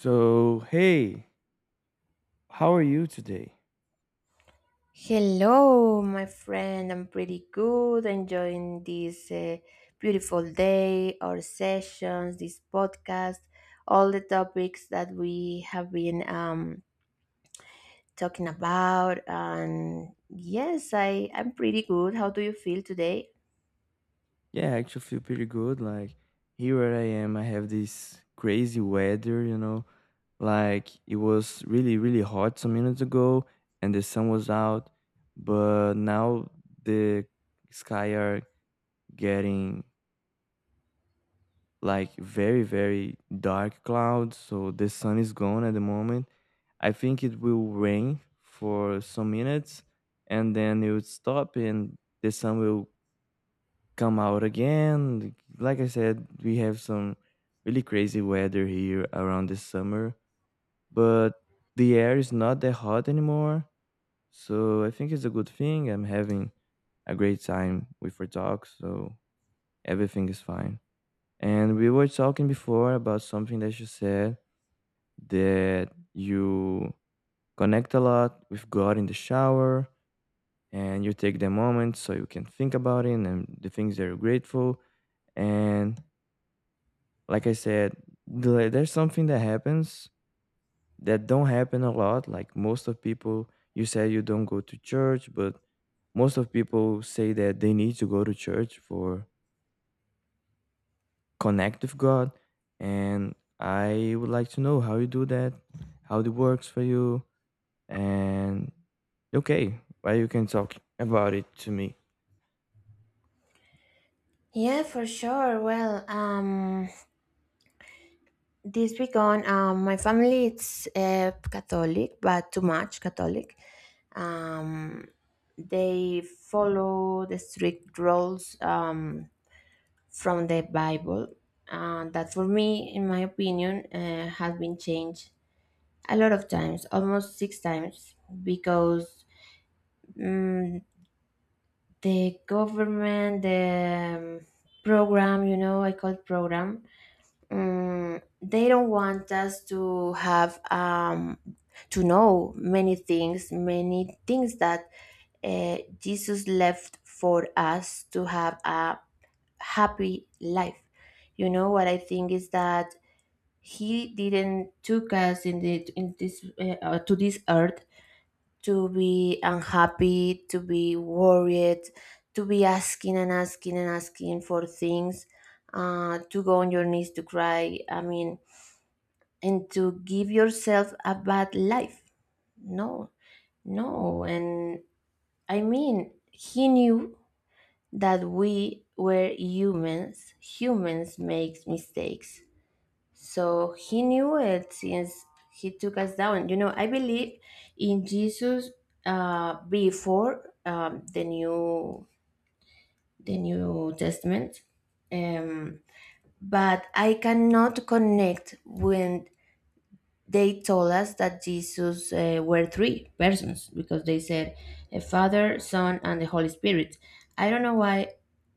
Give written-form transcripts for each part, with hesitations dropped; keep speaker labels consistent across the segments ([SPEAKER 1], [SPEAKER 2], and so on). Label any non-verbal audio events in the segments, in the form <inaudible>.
[SPEAKER 1] So, hey, how are you today?
[SPEAKER 2] Hello, my friend. I'm pretty good, enjoying this beautiful day, our sessions, this podcast, all the topics that we have been talking about. And yes, I'm pretty good. How do you feel today?
[SPEAKER 1] Yeah, I actually feel pretty good. Like, here where I am, I have this crazy weather, you know. Like, it was really, really hot some minutes ago and the sun was out, but now the sky are getting like very, very dark clouds. So, the sun is gone at the moment. I think it will rain for some minutes and then it will stop and the sun will come out again. Like I said, we have some really crazy weather here around this summer, but the air is not that hot anymore. So I think it's a good thing. I'm having a great time with our talk, so everything is fine. And we were talking before about something that you said that you connect a lot with God in the shower and you take the moment so you can think about it and the things that you're grateful. And like I said, there's something that happens that don't happen a lot. Like most of people, you said you don't go to church, but most of people say that they need to go to church for connect with God. And I would like to know how you do that, how it works for you, and okay, well, you can talk about it to me.
[SPEAKER 2] Yeah, for sure. Well, this weekend, my family it's Catholic, but too much Catholic. Um, they follow the strict rules from the Bible. That for me, in my opinion, has been changed a lot of times, almost six times, because mm the government, the program, you know, I call it program. Mm, they don't want us to have to know many things, that Jesus left for us to have a happy life. You know what I think is that he didn't took us in this to this earth, to be unhappy, to be worried, to be asking and asking and asking for things, to go on your knees to cry, I mean, and to give yourself a bad life. No, no. And I mean, he knew that we were humans. Humans make mistakes. So he knew it since he took us down. You know, I believe in Jesus before the New Testament. Um, but I cannot connect with, they told us that Jesus were three persons because they said a Father, Son, and the Holy Spirit. I don't know why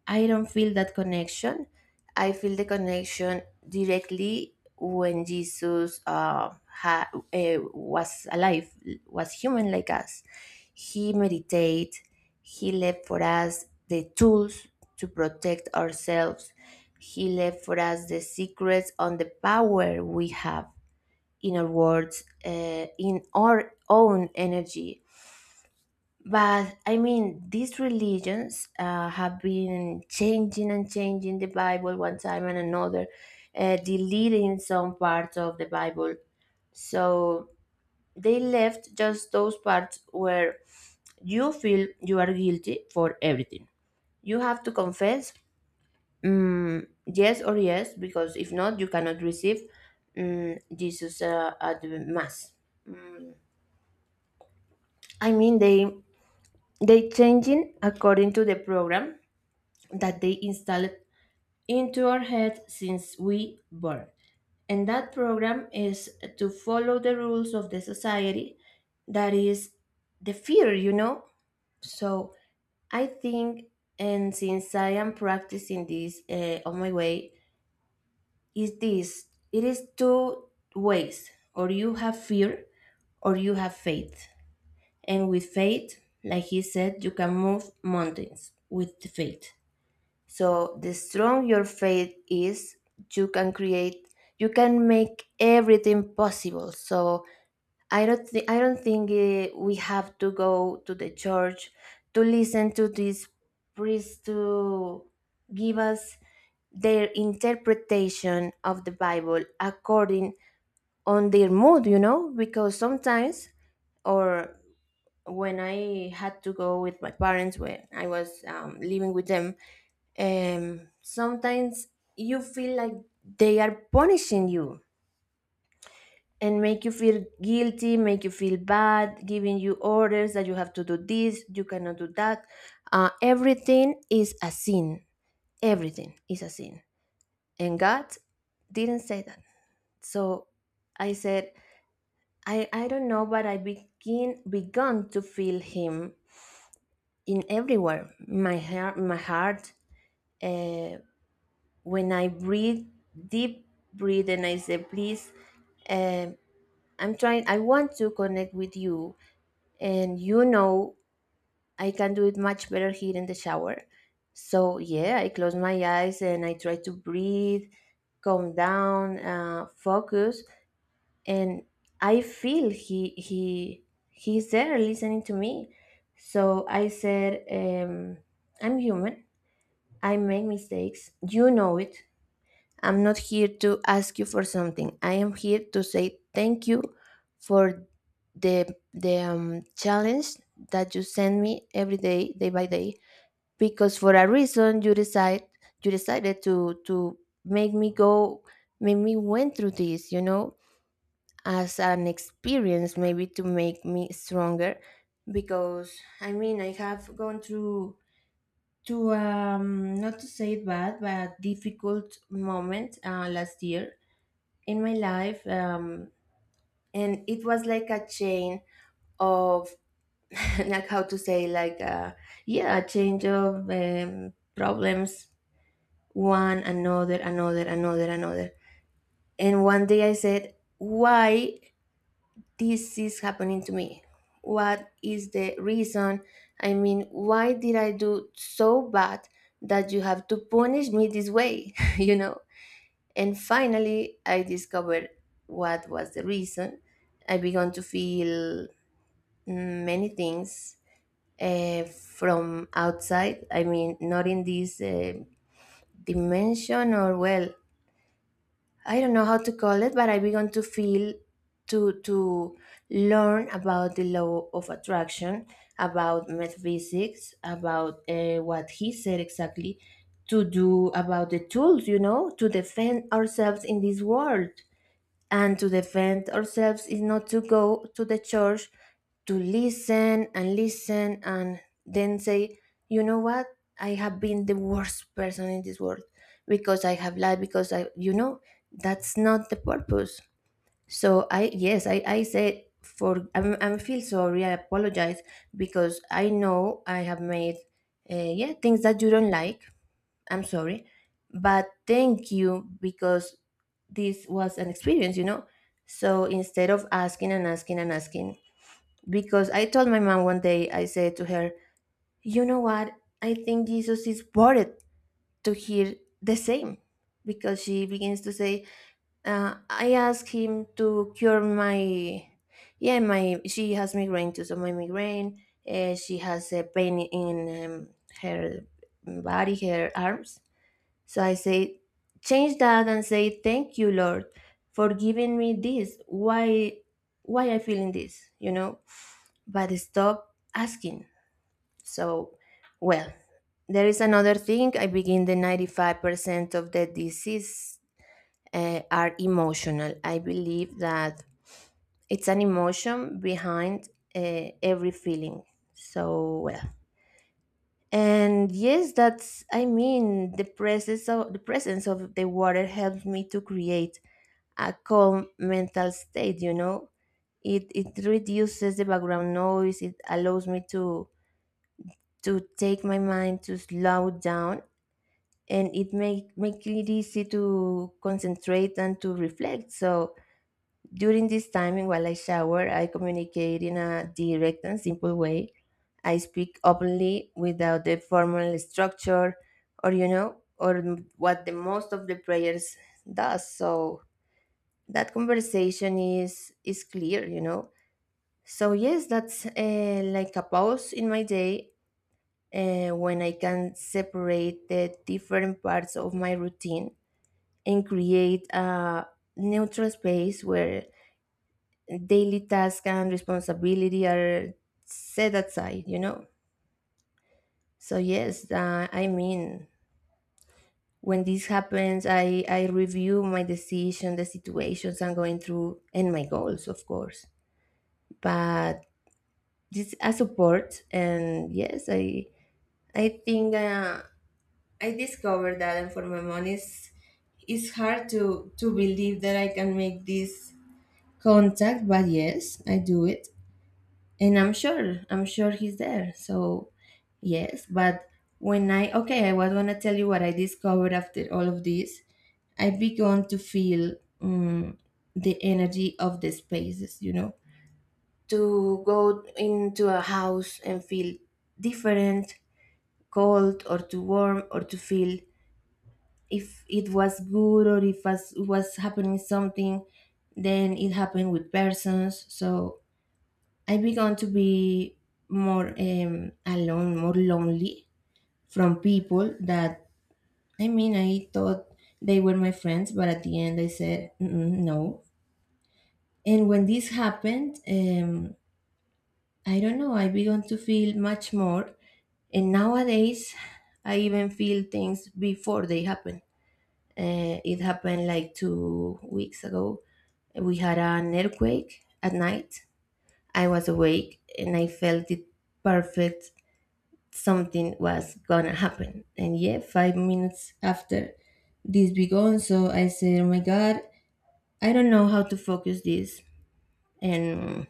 [SPEAKER 2] I don't feel that connection. I feel the connection directly when Jesus was alive, was human like us. He meditated, he left for us the tools to protect ourselves. He left for us the secrets on the power we have inner worlds, in our own energy. But I mean, these religions have been changing and changing the Bible one time and another, deleting some parts of the Bible. So they left just those parts where you feel you are guilty for everything. You have to confess, yes or yes, because if not, you cannot receive, Jesus at the Mass. I mean, they changing according to the program that they installed into our head since we born. And that program is to follow the rules of the society, that is the fear, you know? So I think, and since I am practicing this on my way, is this it is two ways: or you have fear or you have faith. And with faith, like he said, you can move mountains with the faith. So the strong your faith is, you can create, you can make everything possible. So I don't think we have to go to the church to listen to these priests to give us their interpretation of the Bible according on their mood, you know, because sometimes, or when I had to go with my parents when I was living with them, sometimes you feel like they are punishing you and make you feel guilty, make you feel bad, giving you orders that you have to do this, you cannot do that. Everything is a sin. Everything is a sin. And God didn't say that. So I said, I don't know, but I begin begun to feel Him in everywhere. My heart, uh, when I breathe deep breathe and I say please, um, I want to connect with you, and you know I can do it much better here in the shower. So yeah, I close my eyes and I try to breathe, calm down, focus, and I feel he's there listening to me. So I said, I'm human. I make mistakes. You know it. I'm not here to ask you for something. I am here to say thank you for the the challenge that you send me every day, day by day. Because for a reason, you decided to make me go, make me went through this. You know, as an experience, maybe to make me stronger. Because I mean, I have gone through to, not to say it bad, but a difficult moment last year in my life. Um, and it was like a chain of <laughs> like, how to say, like yeah, a change of problems, one another, another, another, another. And one day I said, why this is happening to me? What is the reason? I mean, why did I do so bad that you have to punish me this way? <laughs> You know? And finally, I discovered what was the reason. I began to feel, many things from outside. I mean, not in this dimension, or well, I don't know how to call it, but I began to feel, to learn about the law of attraction, about metaphysics, about what he said exactly to do about the tools, you know, to defend ourselves in this world. And to defend ourselves is not to go to the church to listen and listen and then say, you know what, I have been the worst person in this world, because I have lied, because I, you know, that's not the purpose. So I, yes, I said, I'm feel sorry, I apologize because I know I have made, yeah, things that you don't like. I'm sorry, but thank you because this was an experience, you know? So instead of asking and asking and asking, because I told my mom one day, I said to her, you know what? I think Jesus is bored to hear the same. Because she begins to say, I asked him to cure my, yeah, my, she has migraine too, so my migraine, she has a pain in, her body, her arms. So I say, change that and say, thank you, Lord, for giving me this. Why I feeling this, you know? But stop asking. So, well, there is another thing. I begin, the 95% of the disease are emotional. I believe that it's an emotion behind every feeling. So, well, and yes, that's, I mean, the presence of the water helps me to create a calm mental state, you know. It reduces the background noise, it allows me to take my mind to slow down, and it make it easy to concentrate and to reflect. So during this time and while I shower, I communicate in a direct and simple way. I speak openly without the formal structure, or or what the most of the prayers does. So that conversation is clear, you know. So yes, that's like a pause in my day, when I can separate the different parts of my routine and create a neutral space where daily tasks and responsibility are set aside, you know. So yes, I mean, when this happens, I review my decision, the situations I'm going through, and my goals, of course. But just a support. And yes, I think, I discovered that. And for my mom, it's hard to believe that I can make this contact. But yes, I do it. And I'm sure he's there. So yes. But when I, okay, I was going to tell you what I discovered after all of this, I began to feel, um, the energy of the spaces, you know, to go into a house and feel different, cold or too warm, or to feel if it was good or if was happening something. Then it happened with persons. So I began to be more alone, more lonely, from people that, I mean, I thought they were my friends, but at the end I said, "Mm-mm, no." And when this happened, I don't know, I began to feel much more. And nowadays, I even feel things before they happen. It happened like 2 weeks ago. We had an earthquake at night. I was awake and I felt the perfect, something was gonna happen. And yeah, 5 minutes after this began, so I said, oh my God, I don't know how to focus this. And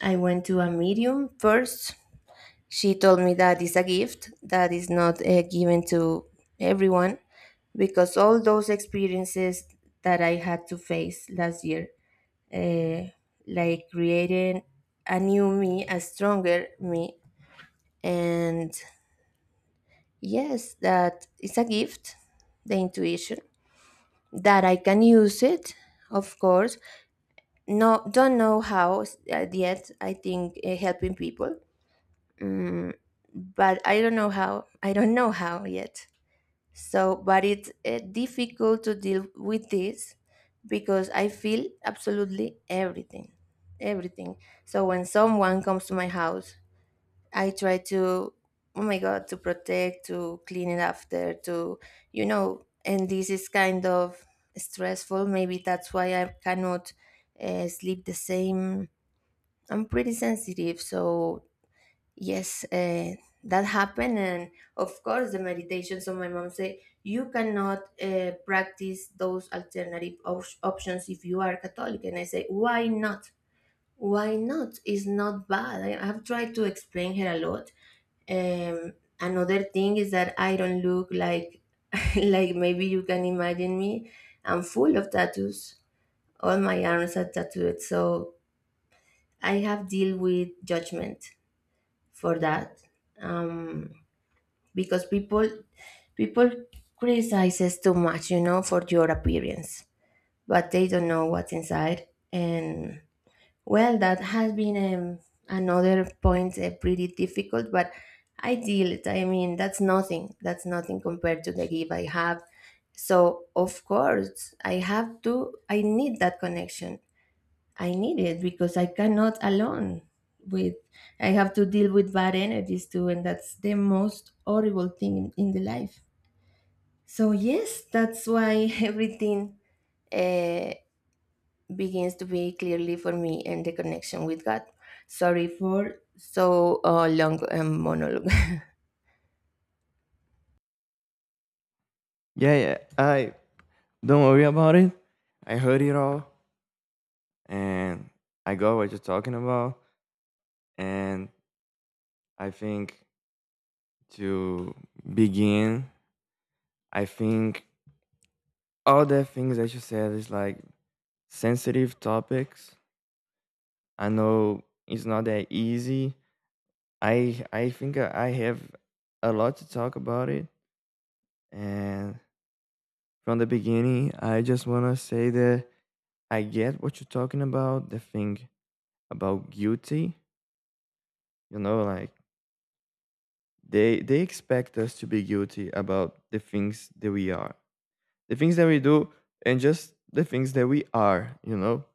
[SPEAKER 2] I went to a medium first. She told me that is a gift that is not given to everyone, because all those experiences that I had to face last year, uh, like creating a new me, a stronger me, and yes, that is a gift, the intuition, that I can use it, of course. No, don't know how yet. I think helping people, mm, but I don't know how. I don't know how yet. So, but it's difficult to deal with this because I feel absolutely everything, everything. So when someone comes to my house, I try to, oh my God, to protect, to clean it after, to, and this is kind of stressful. Maybe that's why I cannot sleep the same. I'm pretty sensitive. So, yes, that happened. And of course, the meditations of my mom say, you cannot practice those alternative options if you are Catholic. And I say, why not? Why not? It's not bad. I have tried to explain her a lot. um, Another thing is that I don't look like <laughs> like maybe you can imagine me. I'm full of tattoos. All my arms are tattooed, so I have deal with judgment for that. Um, because people criticizes too much, you know, for your appearance, but they don't know what's inside. And well, that has been another point, pretty difficult, but I deal it. I mean, that's nothing. That's nothing compared to the give I have. So, of course, I need that connection. I need it because I cannot alone with, I have to deal with bad energies too, and that's the most horrible thing in the life. So, yes, that's why <laughs> everything. Uh, Begins to be clearly for me and the connection with God. Sorry for so long monologue. <laughs>
[SPEAKER 1] Yeah, yeah. I don't worry about it. I heard it all, and I got what you're talking about, and I think to begin, I think all the things that you said is like sensitive topics. I know it's not that easy. I think I have a lot to talk about it. And from the beginning, I just want to say that I get what you're talking about, the thing about guilty. You know, like they expect us to be guilty about the things that we are, the things that we do, and just the things that we are.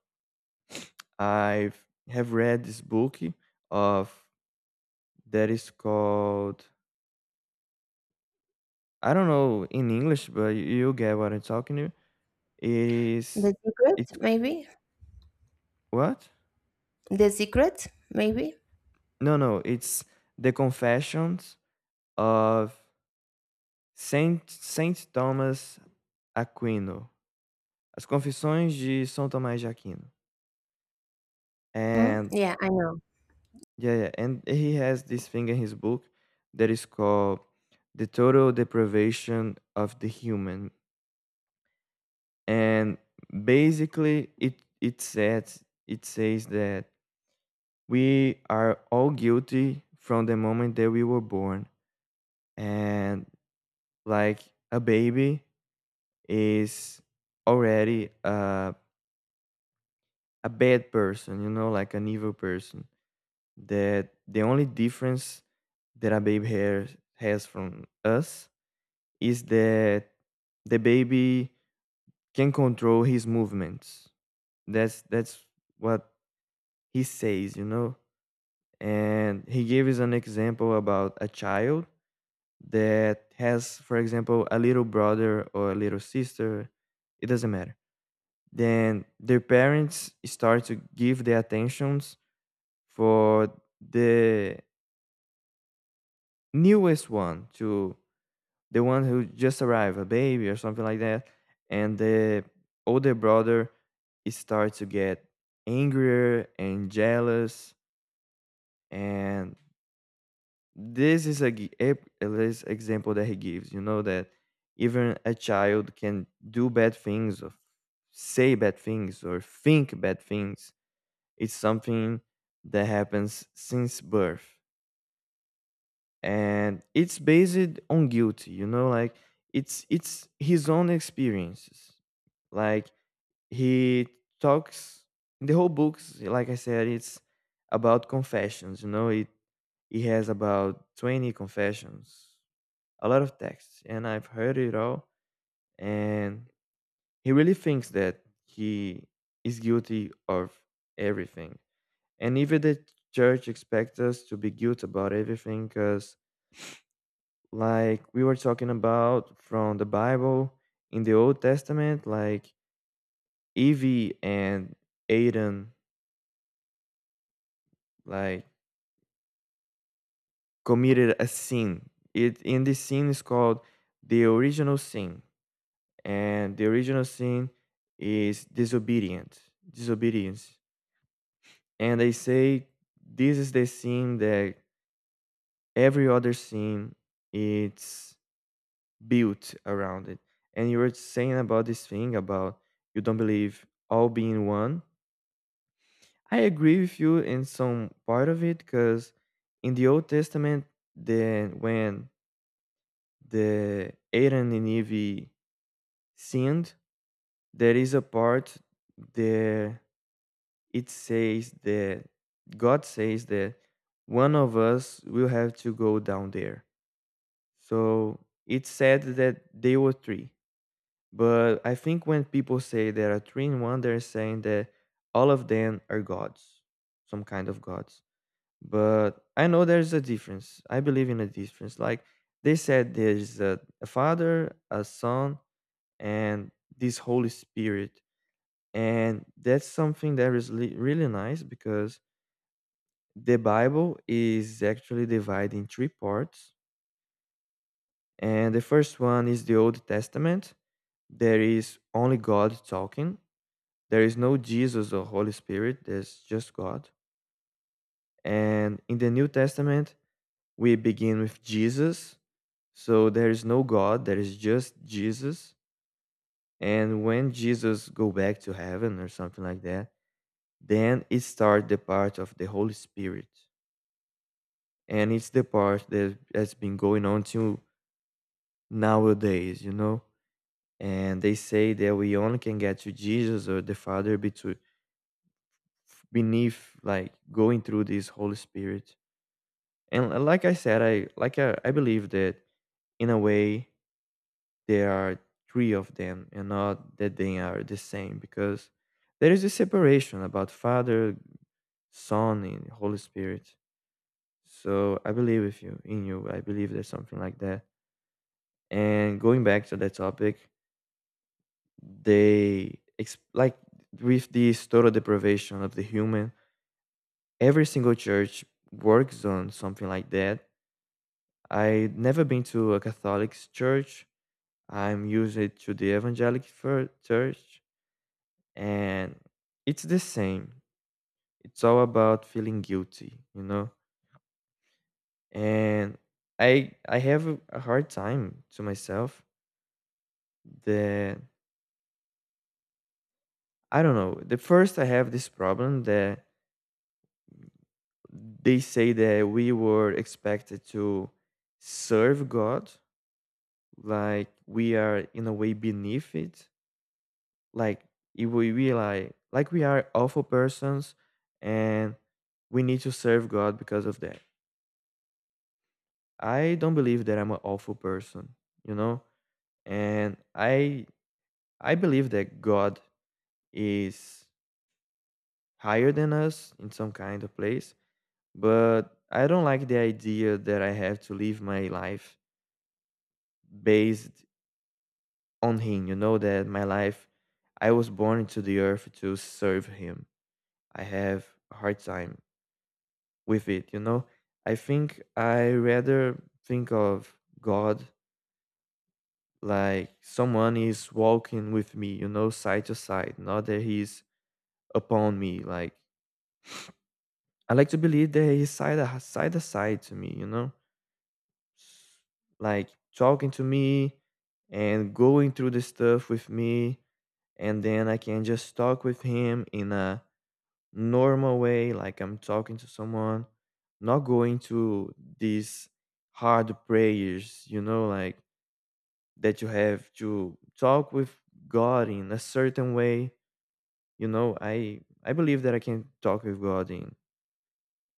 [SPEAKER 1] I have read this book of that is called, I don't know in English, but you get what I'm talking to. It
[SPEAKER 2] The
[SPEAKER 1] is.
[SPEAKER 2] secret,
[SPEAKER 1] It's
[SPEAKER 2] maybe?
[SPEAKER 1] what
[SPEAKER 2] The secret, maybe?
[SPEAKER 1] No, no, it's the confessions of Saint Thomas Aquino, as confissões de são tomás de aquino.
[SPEAKER 2] Mhm.
[SPEAKER 1] And
[SPEAKER 2] Yeah, I know.
[SPEAKER 1] yeah, yeah. And he has this thing in his book that is called The Total Deprivation of the Human. And basically it says that we are all guilty from the moment that we were born. And like a baby is already a bad person, you know, like an evil person. That the only difference that a baby has from us is that the baby can control his movements. That's what he says, you know. And he gives an example about a child that has, for example, a little brother or a little sister. It doesn't matter. Then their parents start to give the attentions for the newest one, to the one who just arrived, a baby or something like that, and the older brother starts to get angrier and jealous, and this is a this example that he gives. You know that even a child can do bad things or say bad things or think bad things. It's something that happens since birth. And it's based on guilty, you know, like it's his own experiences. Like he talks the whole books. Like I said, it's about confessions, you know. It He has about 20 confessions, a lot of texts, and I've heard it all. And he really thinks that he is guilty of everything. And even the church expects us to be guilty about everything, because like we were talking about from the Bible, in the Old Testament, like Evie and Aiden like committed a sin. It In this sin is called the original sin, and the original sin is disobedience. And they say this is the sin that every other sin it's built around it. And you were saying about this thing about you don't believe all being one. I agree with you in some part of it because in the Old Testament, the when the Aaron and Eve sinned, there is a part there, it says that God says that one of us will have to go down there. So it said that they were three, but I think when people say there are three in one, they're saying that all of them are gods, some kind of gods. But I know there's a difference. I believe in a difference. Like they said, there's a father, a son, and this Holy Spirit, and that's something that is really nice because the Bible is actually divided in three parts, and the first one is the Old Testament. There is only God talking. There is no Jesus or Holy Spirit. There's just God. And in the New Testament, we begin with Jesus. So there is no God, there is just Jesus. And when Jesus go back to heaven or something like that, then it start the part of the Holy Spirit. And it's the part that has been going on till nowadays, you know? And they say that we only can get to Jesus or the Father between beneath like going through this Holy Spirit. And like I said, I believe that in a way there are three of them, and not that they are the same because there is a separation about father, son, and Holy Spirit. So I believe with you, in you I believe there's something like that. And going back to that topic, they like with this total deprivation of the human, every single church works on something like that. I never been to a Catholic church. I'm usually to the evangelical church. And it's the same. It's all about feeling guilty, you know? And I have a hard time to myself that I don't know. The first, I have this problem that they say that we were expected to serve God, like we are in a way beneath it. Like if we like we are awful persons and we need to serve God because of that. I don't believe that I'm an awful person, you know? And I believe that God is higher than us in some kind of place, but I don't like the idea that I have to live my life based on him. You know that my life, I was born into the earth to serve him. I have a hard time with it, you know? I think I rather think of God like someone is walking with me, you know, side to side, not that he's upon me. Like I like to believe that he's side to side to me, you know, like talking to me and going through the stuff with me, and then I can just talk with him in a normal way, like I'm talking to someone, not going to these hard prayers, you know, like that you have to talk with God in a certain way. You know, I believe that I can talk with God in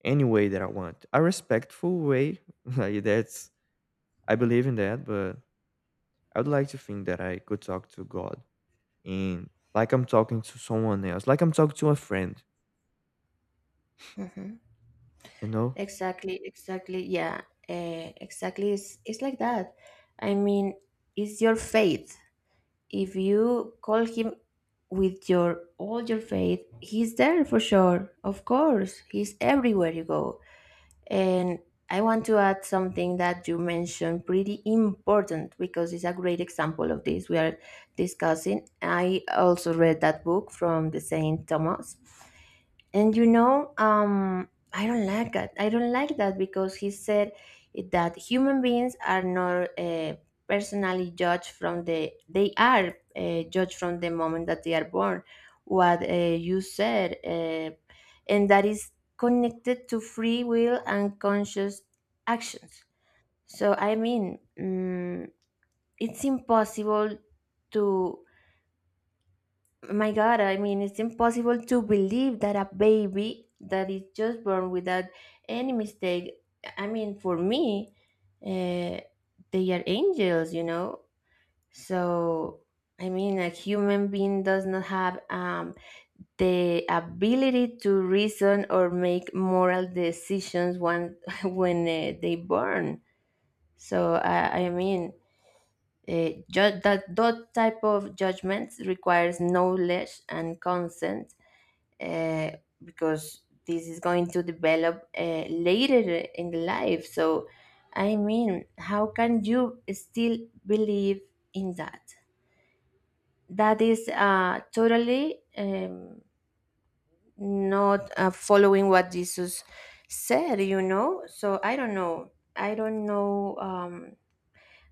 [SPEAKER 1] any way that I want. A respectful way, <laughs> like that's, I believe in that, but I would like to think that I could talk to God in, like I'm talking to someone else, like I'm talking to a friend,
[SPEAKER 2] Hmm.
[SPEAKER 1] you know?
[SPEAKER 2] Exactly, exactly. Yeah, exactly. It's like that. I mean, it's your faith. If you call him with your all your faith, he's there for sure. Of course, he's everywhere you go. And I want to add something that you mentioned pretty important because it's a great example of this we are discussing. I also read that book from the Saint Thomas. And I don't like that. I don't like that because he said that human beings are not personally judged from the. They are judged from the moment that they are born. What you said, and that is connected to free will and conscious actions. So I mean, it's impossible to, my God, I mean, it's impossible to believe that a baby that is just born without any mistake. I mean, for me, uh, they are angels, you know? So, I mean, a human being does not have the ability to reason or make moral decisions when, <laughs> when they born. So, I mean, that type of judgments requires knowledge and consent, uh, because this is going to develop later in life. So, I mean, how can you still believe in that? That is totally not following what Jesus said, you know? So, I don't know. I don't know.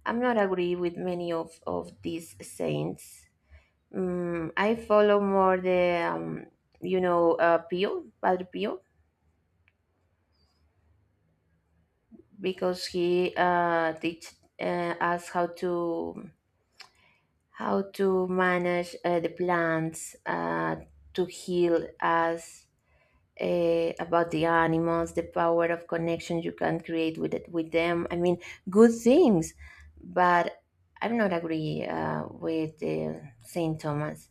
[SPEAKER 2] I'm not agree with many of these saints. Mm, I follow more the Pio Padre Pio because he teach us how to manage the plants, to heal us, about the animals, the power of connection you can create with it, with them. I mean, good things, but I'm not agree with Saint Thomas.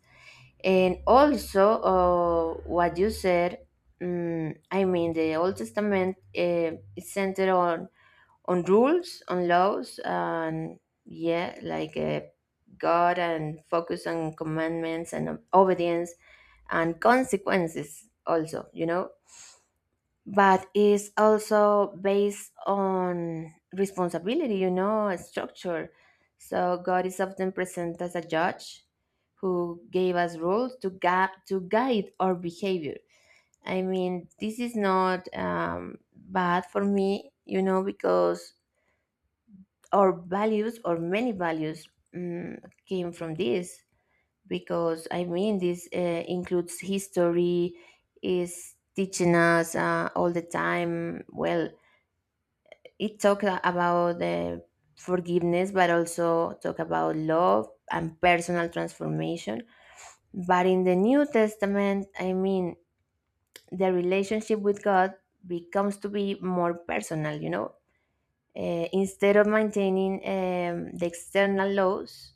[SPEAKER 2] And also, what you said, I mean, the Old Testament is centered on rules, on laws, and yeah, like God, and focus on commandments and obedience and consequences. Also, you know, but it's also based on responsibility, you know, a structure. So God is often present as a judge who gave us rules to to guide our behavior. I mean, this is not bad for me, you know, because our values or many values um, came from this. Because I mean, this includes history, is teaching us all the time. Well, it talked about the forgiveness, but also talk about love and personal transformation. But in the New Testament, I mean, the relationship with God becomes to be more personal, you know. Instead of maintaining the external laws,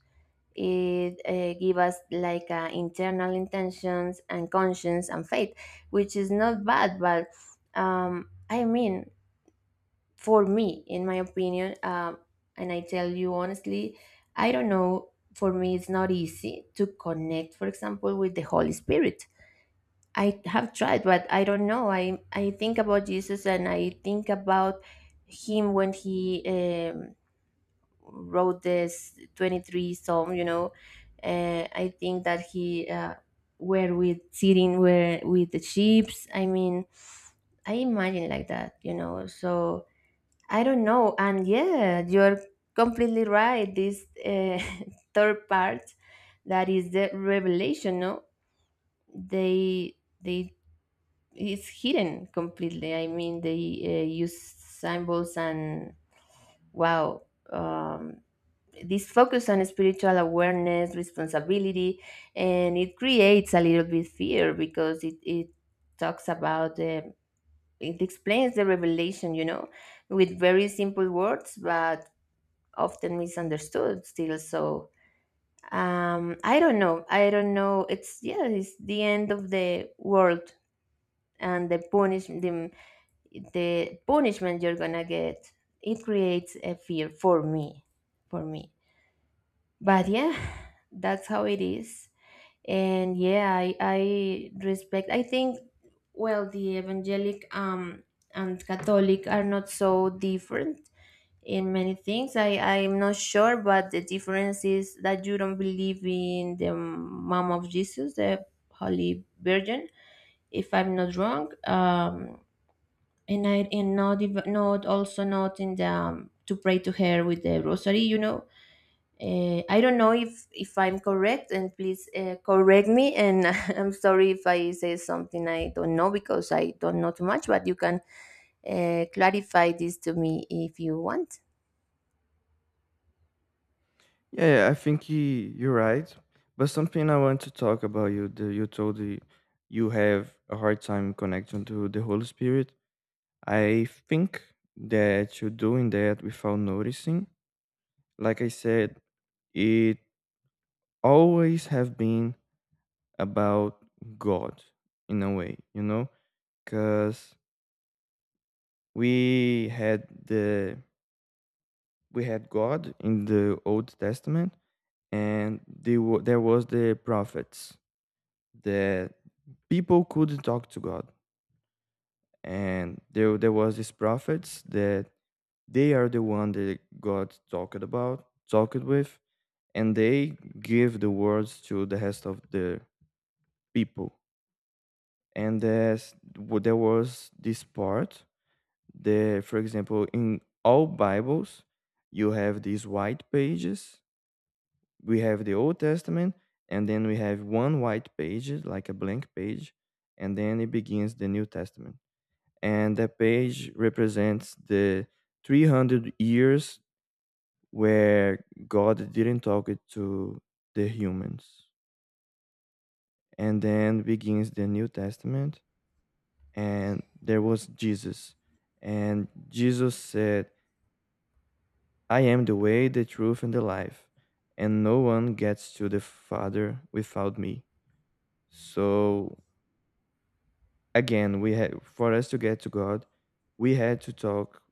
[SPEAKER 2] it gives us like internal intentions and conscience and faith, which is not bad, but I mean, for me in my opinion, and I tell you honestly, I don't know, for me it's not easy to connect for example with the Holy Spirit. I have tried, but I don't know. I think about Jesus, and I think about him when he um, wrote this 23rd psalm, you know. I think that he were with sitting where with the sheep. I mean, I imagine like that, you know. So I don't know. And yeah, you're completely right. This <laughs> third part that is the revelation, no? They it's hidden completely. I mean, they use symbols and wow. Um, this focus on spiritual awareness, responsibility, and it creates a little bit fear because it talks about it explains the revelation, you know, with very simple words, but often misunderstood still. So I don't know, I don't know, it's yeah, it's the end of the world and the punishment you're gonna get. It creates a fear for me, for me, but yeah. <sighs> That's how it is. And yeah, I respect, I think well, the evangelic and catholic are not so different in many things. I'm not sure, but the difference is that you don't believe in the mom of Jesus, the Holy Virgin, if I'm not wrong. And I and not even, not also not in the to pray to her with the rosary, you know. I don't know if I'm correct, and please correct me. And <laughs> I'm sorry if I say something I don't know because I don't know too much. But you can clarify this to me if you want.
[SPEAKER 1] Yeah, yeah, you're right. But something I want to talk about you, you told you have a hard time connecting to the Holy Spirit. I think that you're doing that without noticing. Like I said, it always have been about God in a way, you know, because we had the we had God in the Old Testament, and they there was the prophets that people could talk to God, and there was these prophets that they are the one that God talked about, talked with, and they give the words to the rest of the people. And there was this part. The For example, in all bibles you have these white pages. We have the Old Testament, and then we have one white page, like a blank page, and then it begins the New Testament. And that page represents the 300 years where God didn't talk it to the humans. And then begins the New Testament, and there was Jesus. And Jesus said, "I am the way, the truth, and the life, and no one gets to the Father without me." So again, we had, for us to get to God, we had to talk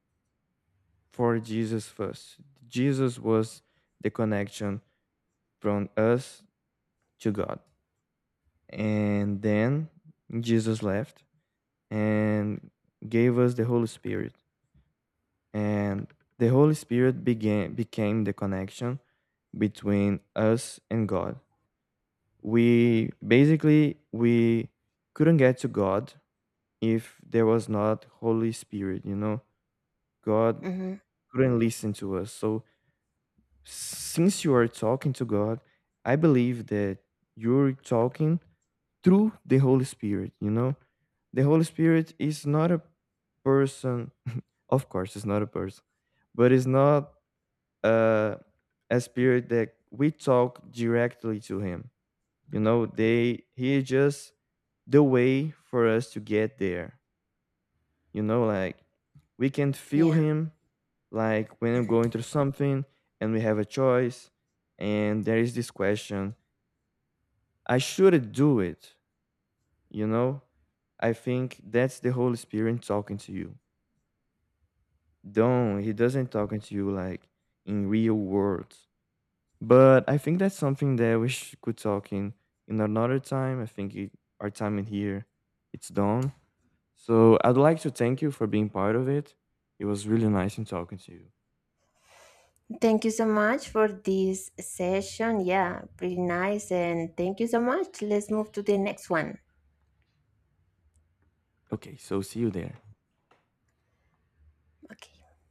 [SPEAKER 1] for Jesus first. Jesus was the connection from us to God. And then Jesus left and gave us the Holy Spirit. And the Holy Spirit became the connection between us and God. We basically we couldn't get to God if there was not Holy Spirit, you know. God
[SPEAKER 2] Mm-hmm.
[SPEAKER 1] couldn't listen to us. So since you are talking to God, I believe that you're talking through the Holy Spirit, you know. The Holy Spirit is not a person, <laughs> of course, it's not a person, but it's not uh, a spirit that we talk directly to him. You know, they he is just the way for us to get there. You know, like we can feel
[SPEAKER 2] Yeah.
[SPEAKER 1] him, like when I'm going through something and we have a choice, and there is this question, I should not do it, you know? I think that's the Holy Spirit talking to you. Don't He doesn't talking to you like in real world. But I think that's something that we could talk in another time. I think it, our time in here it's done. So I'd like to thank you for being part of it. It was really nice in talking to you.
[SPEAKER 2] Thank you so much for this session. Yeah, pretty nice. And thank you so much. Let's move to the next one.
[SPEAKER 1] Okay, so see you there.
[SPEAKER 2] Okay.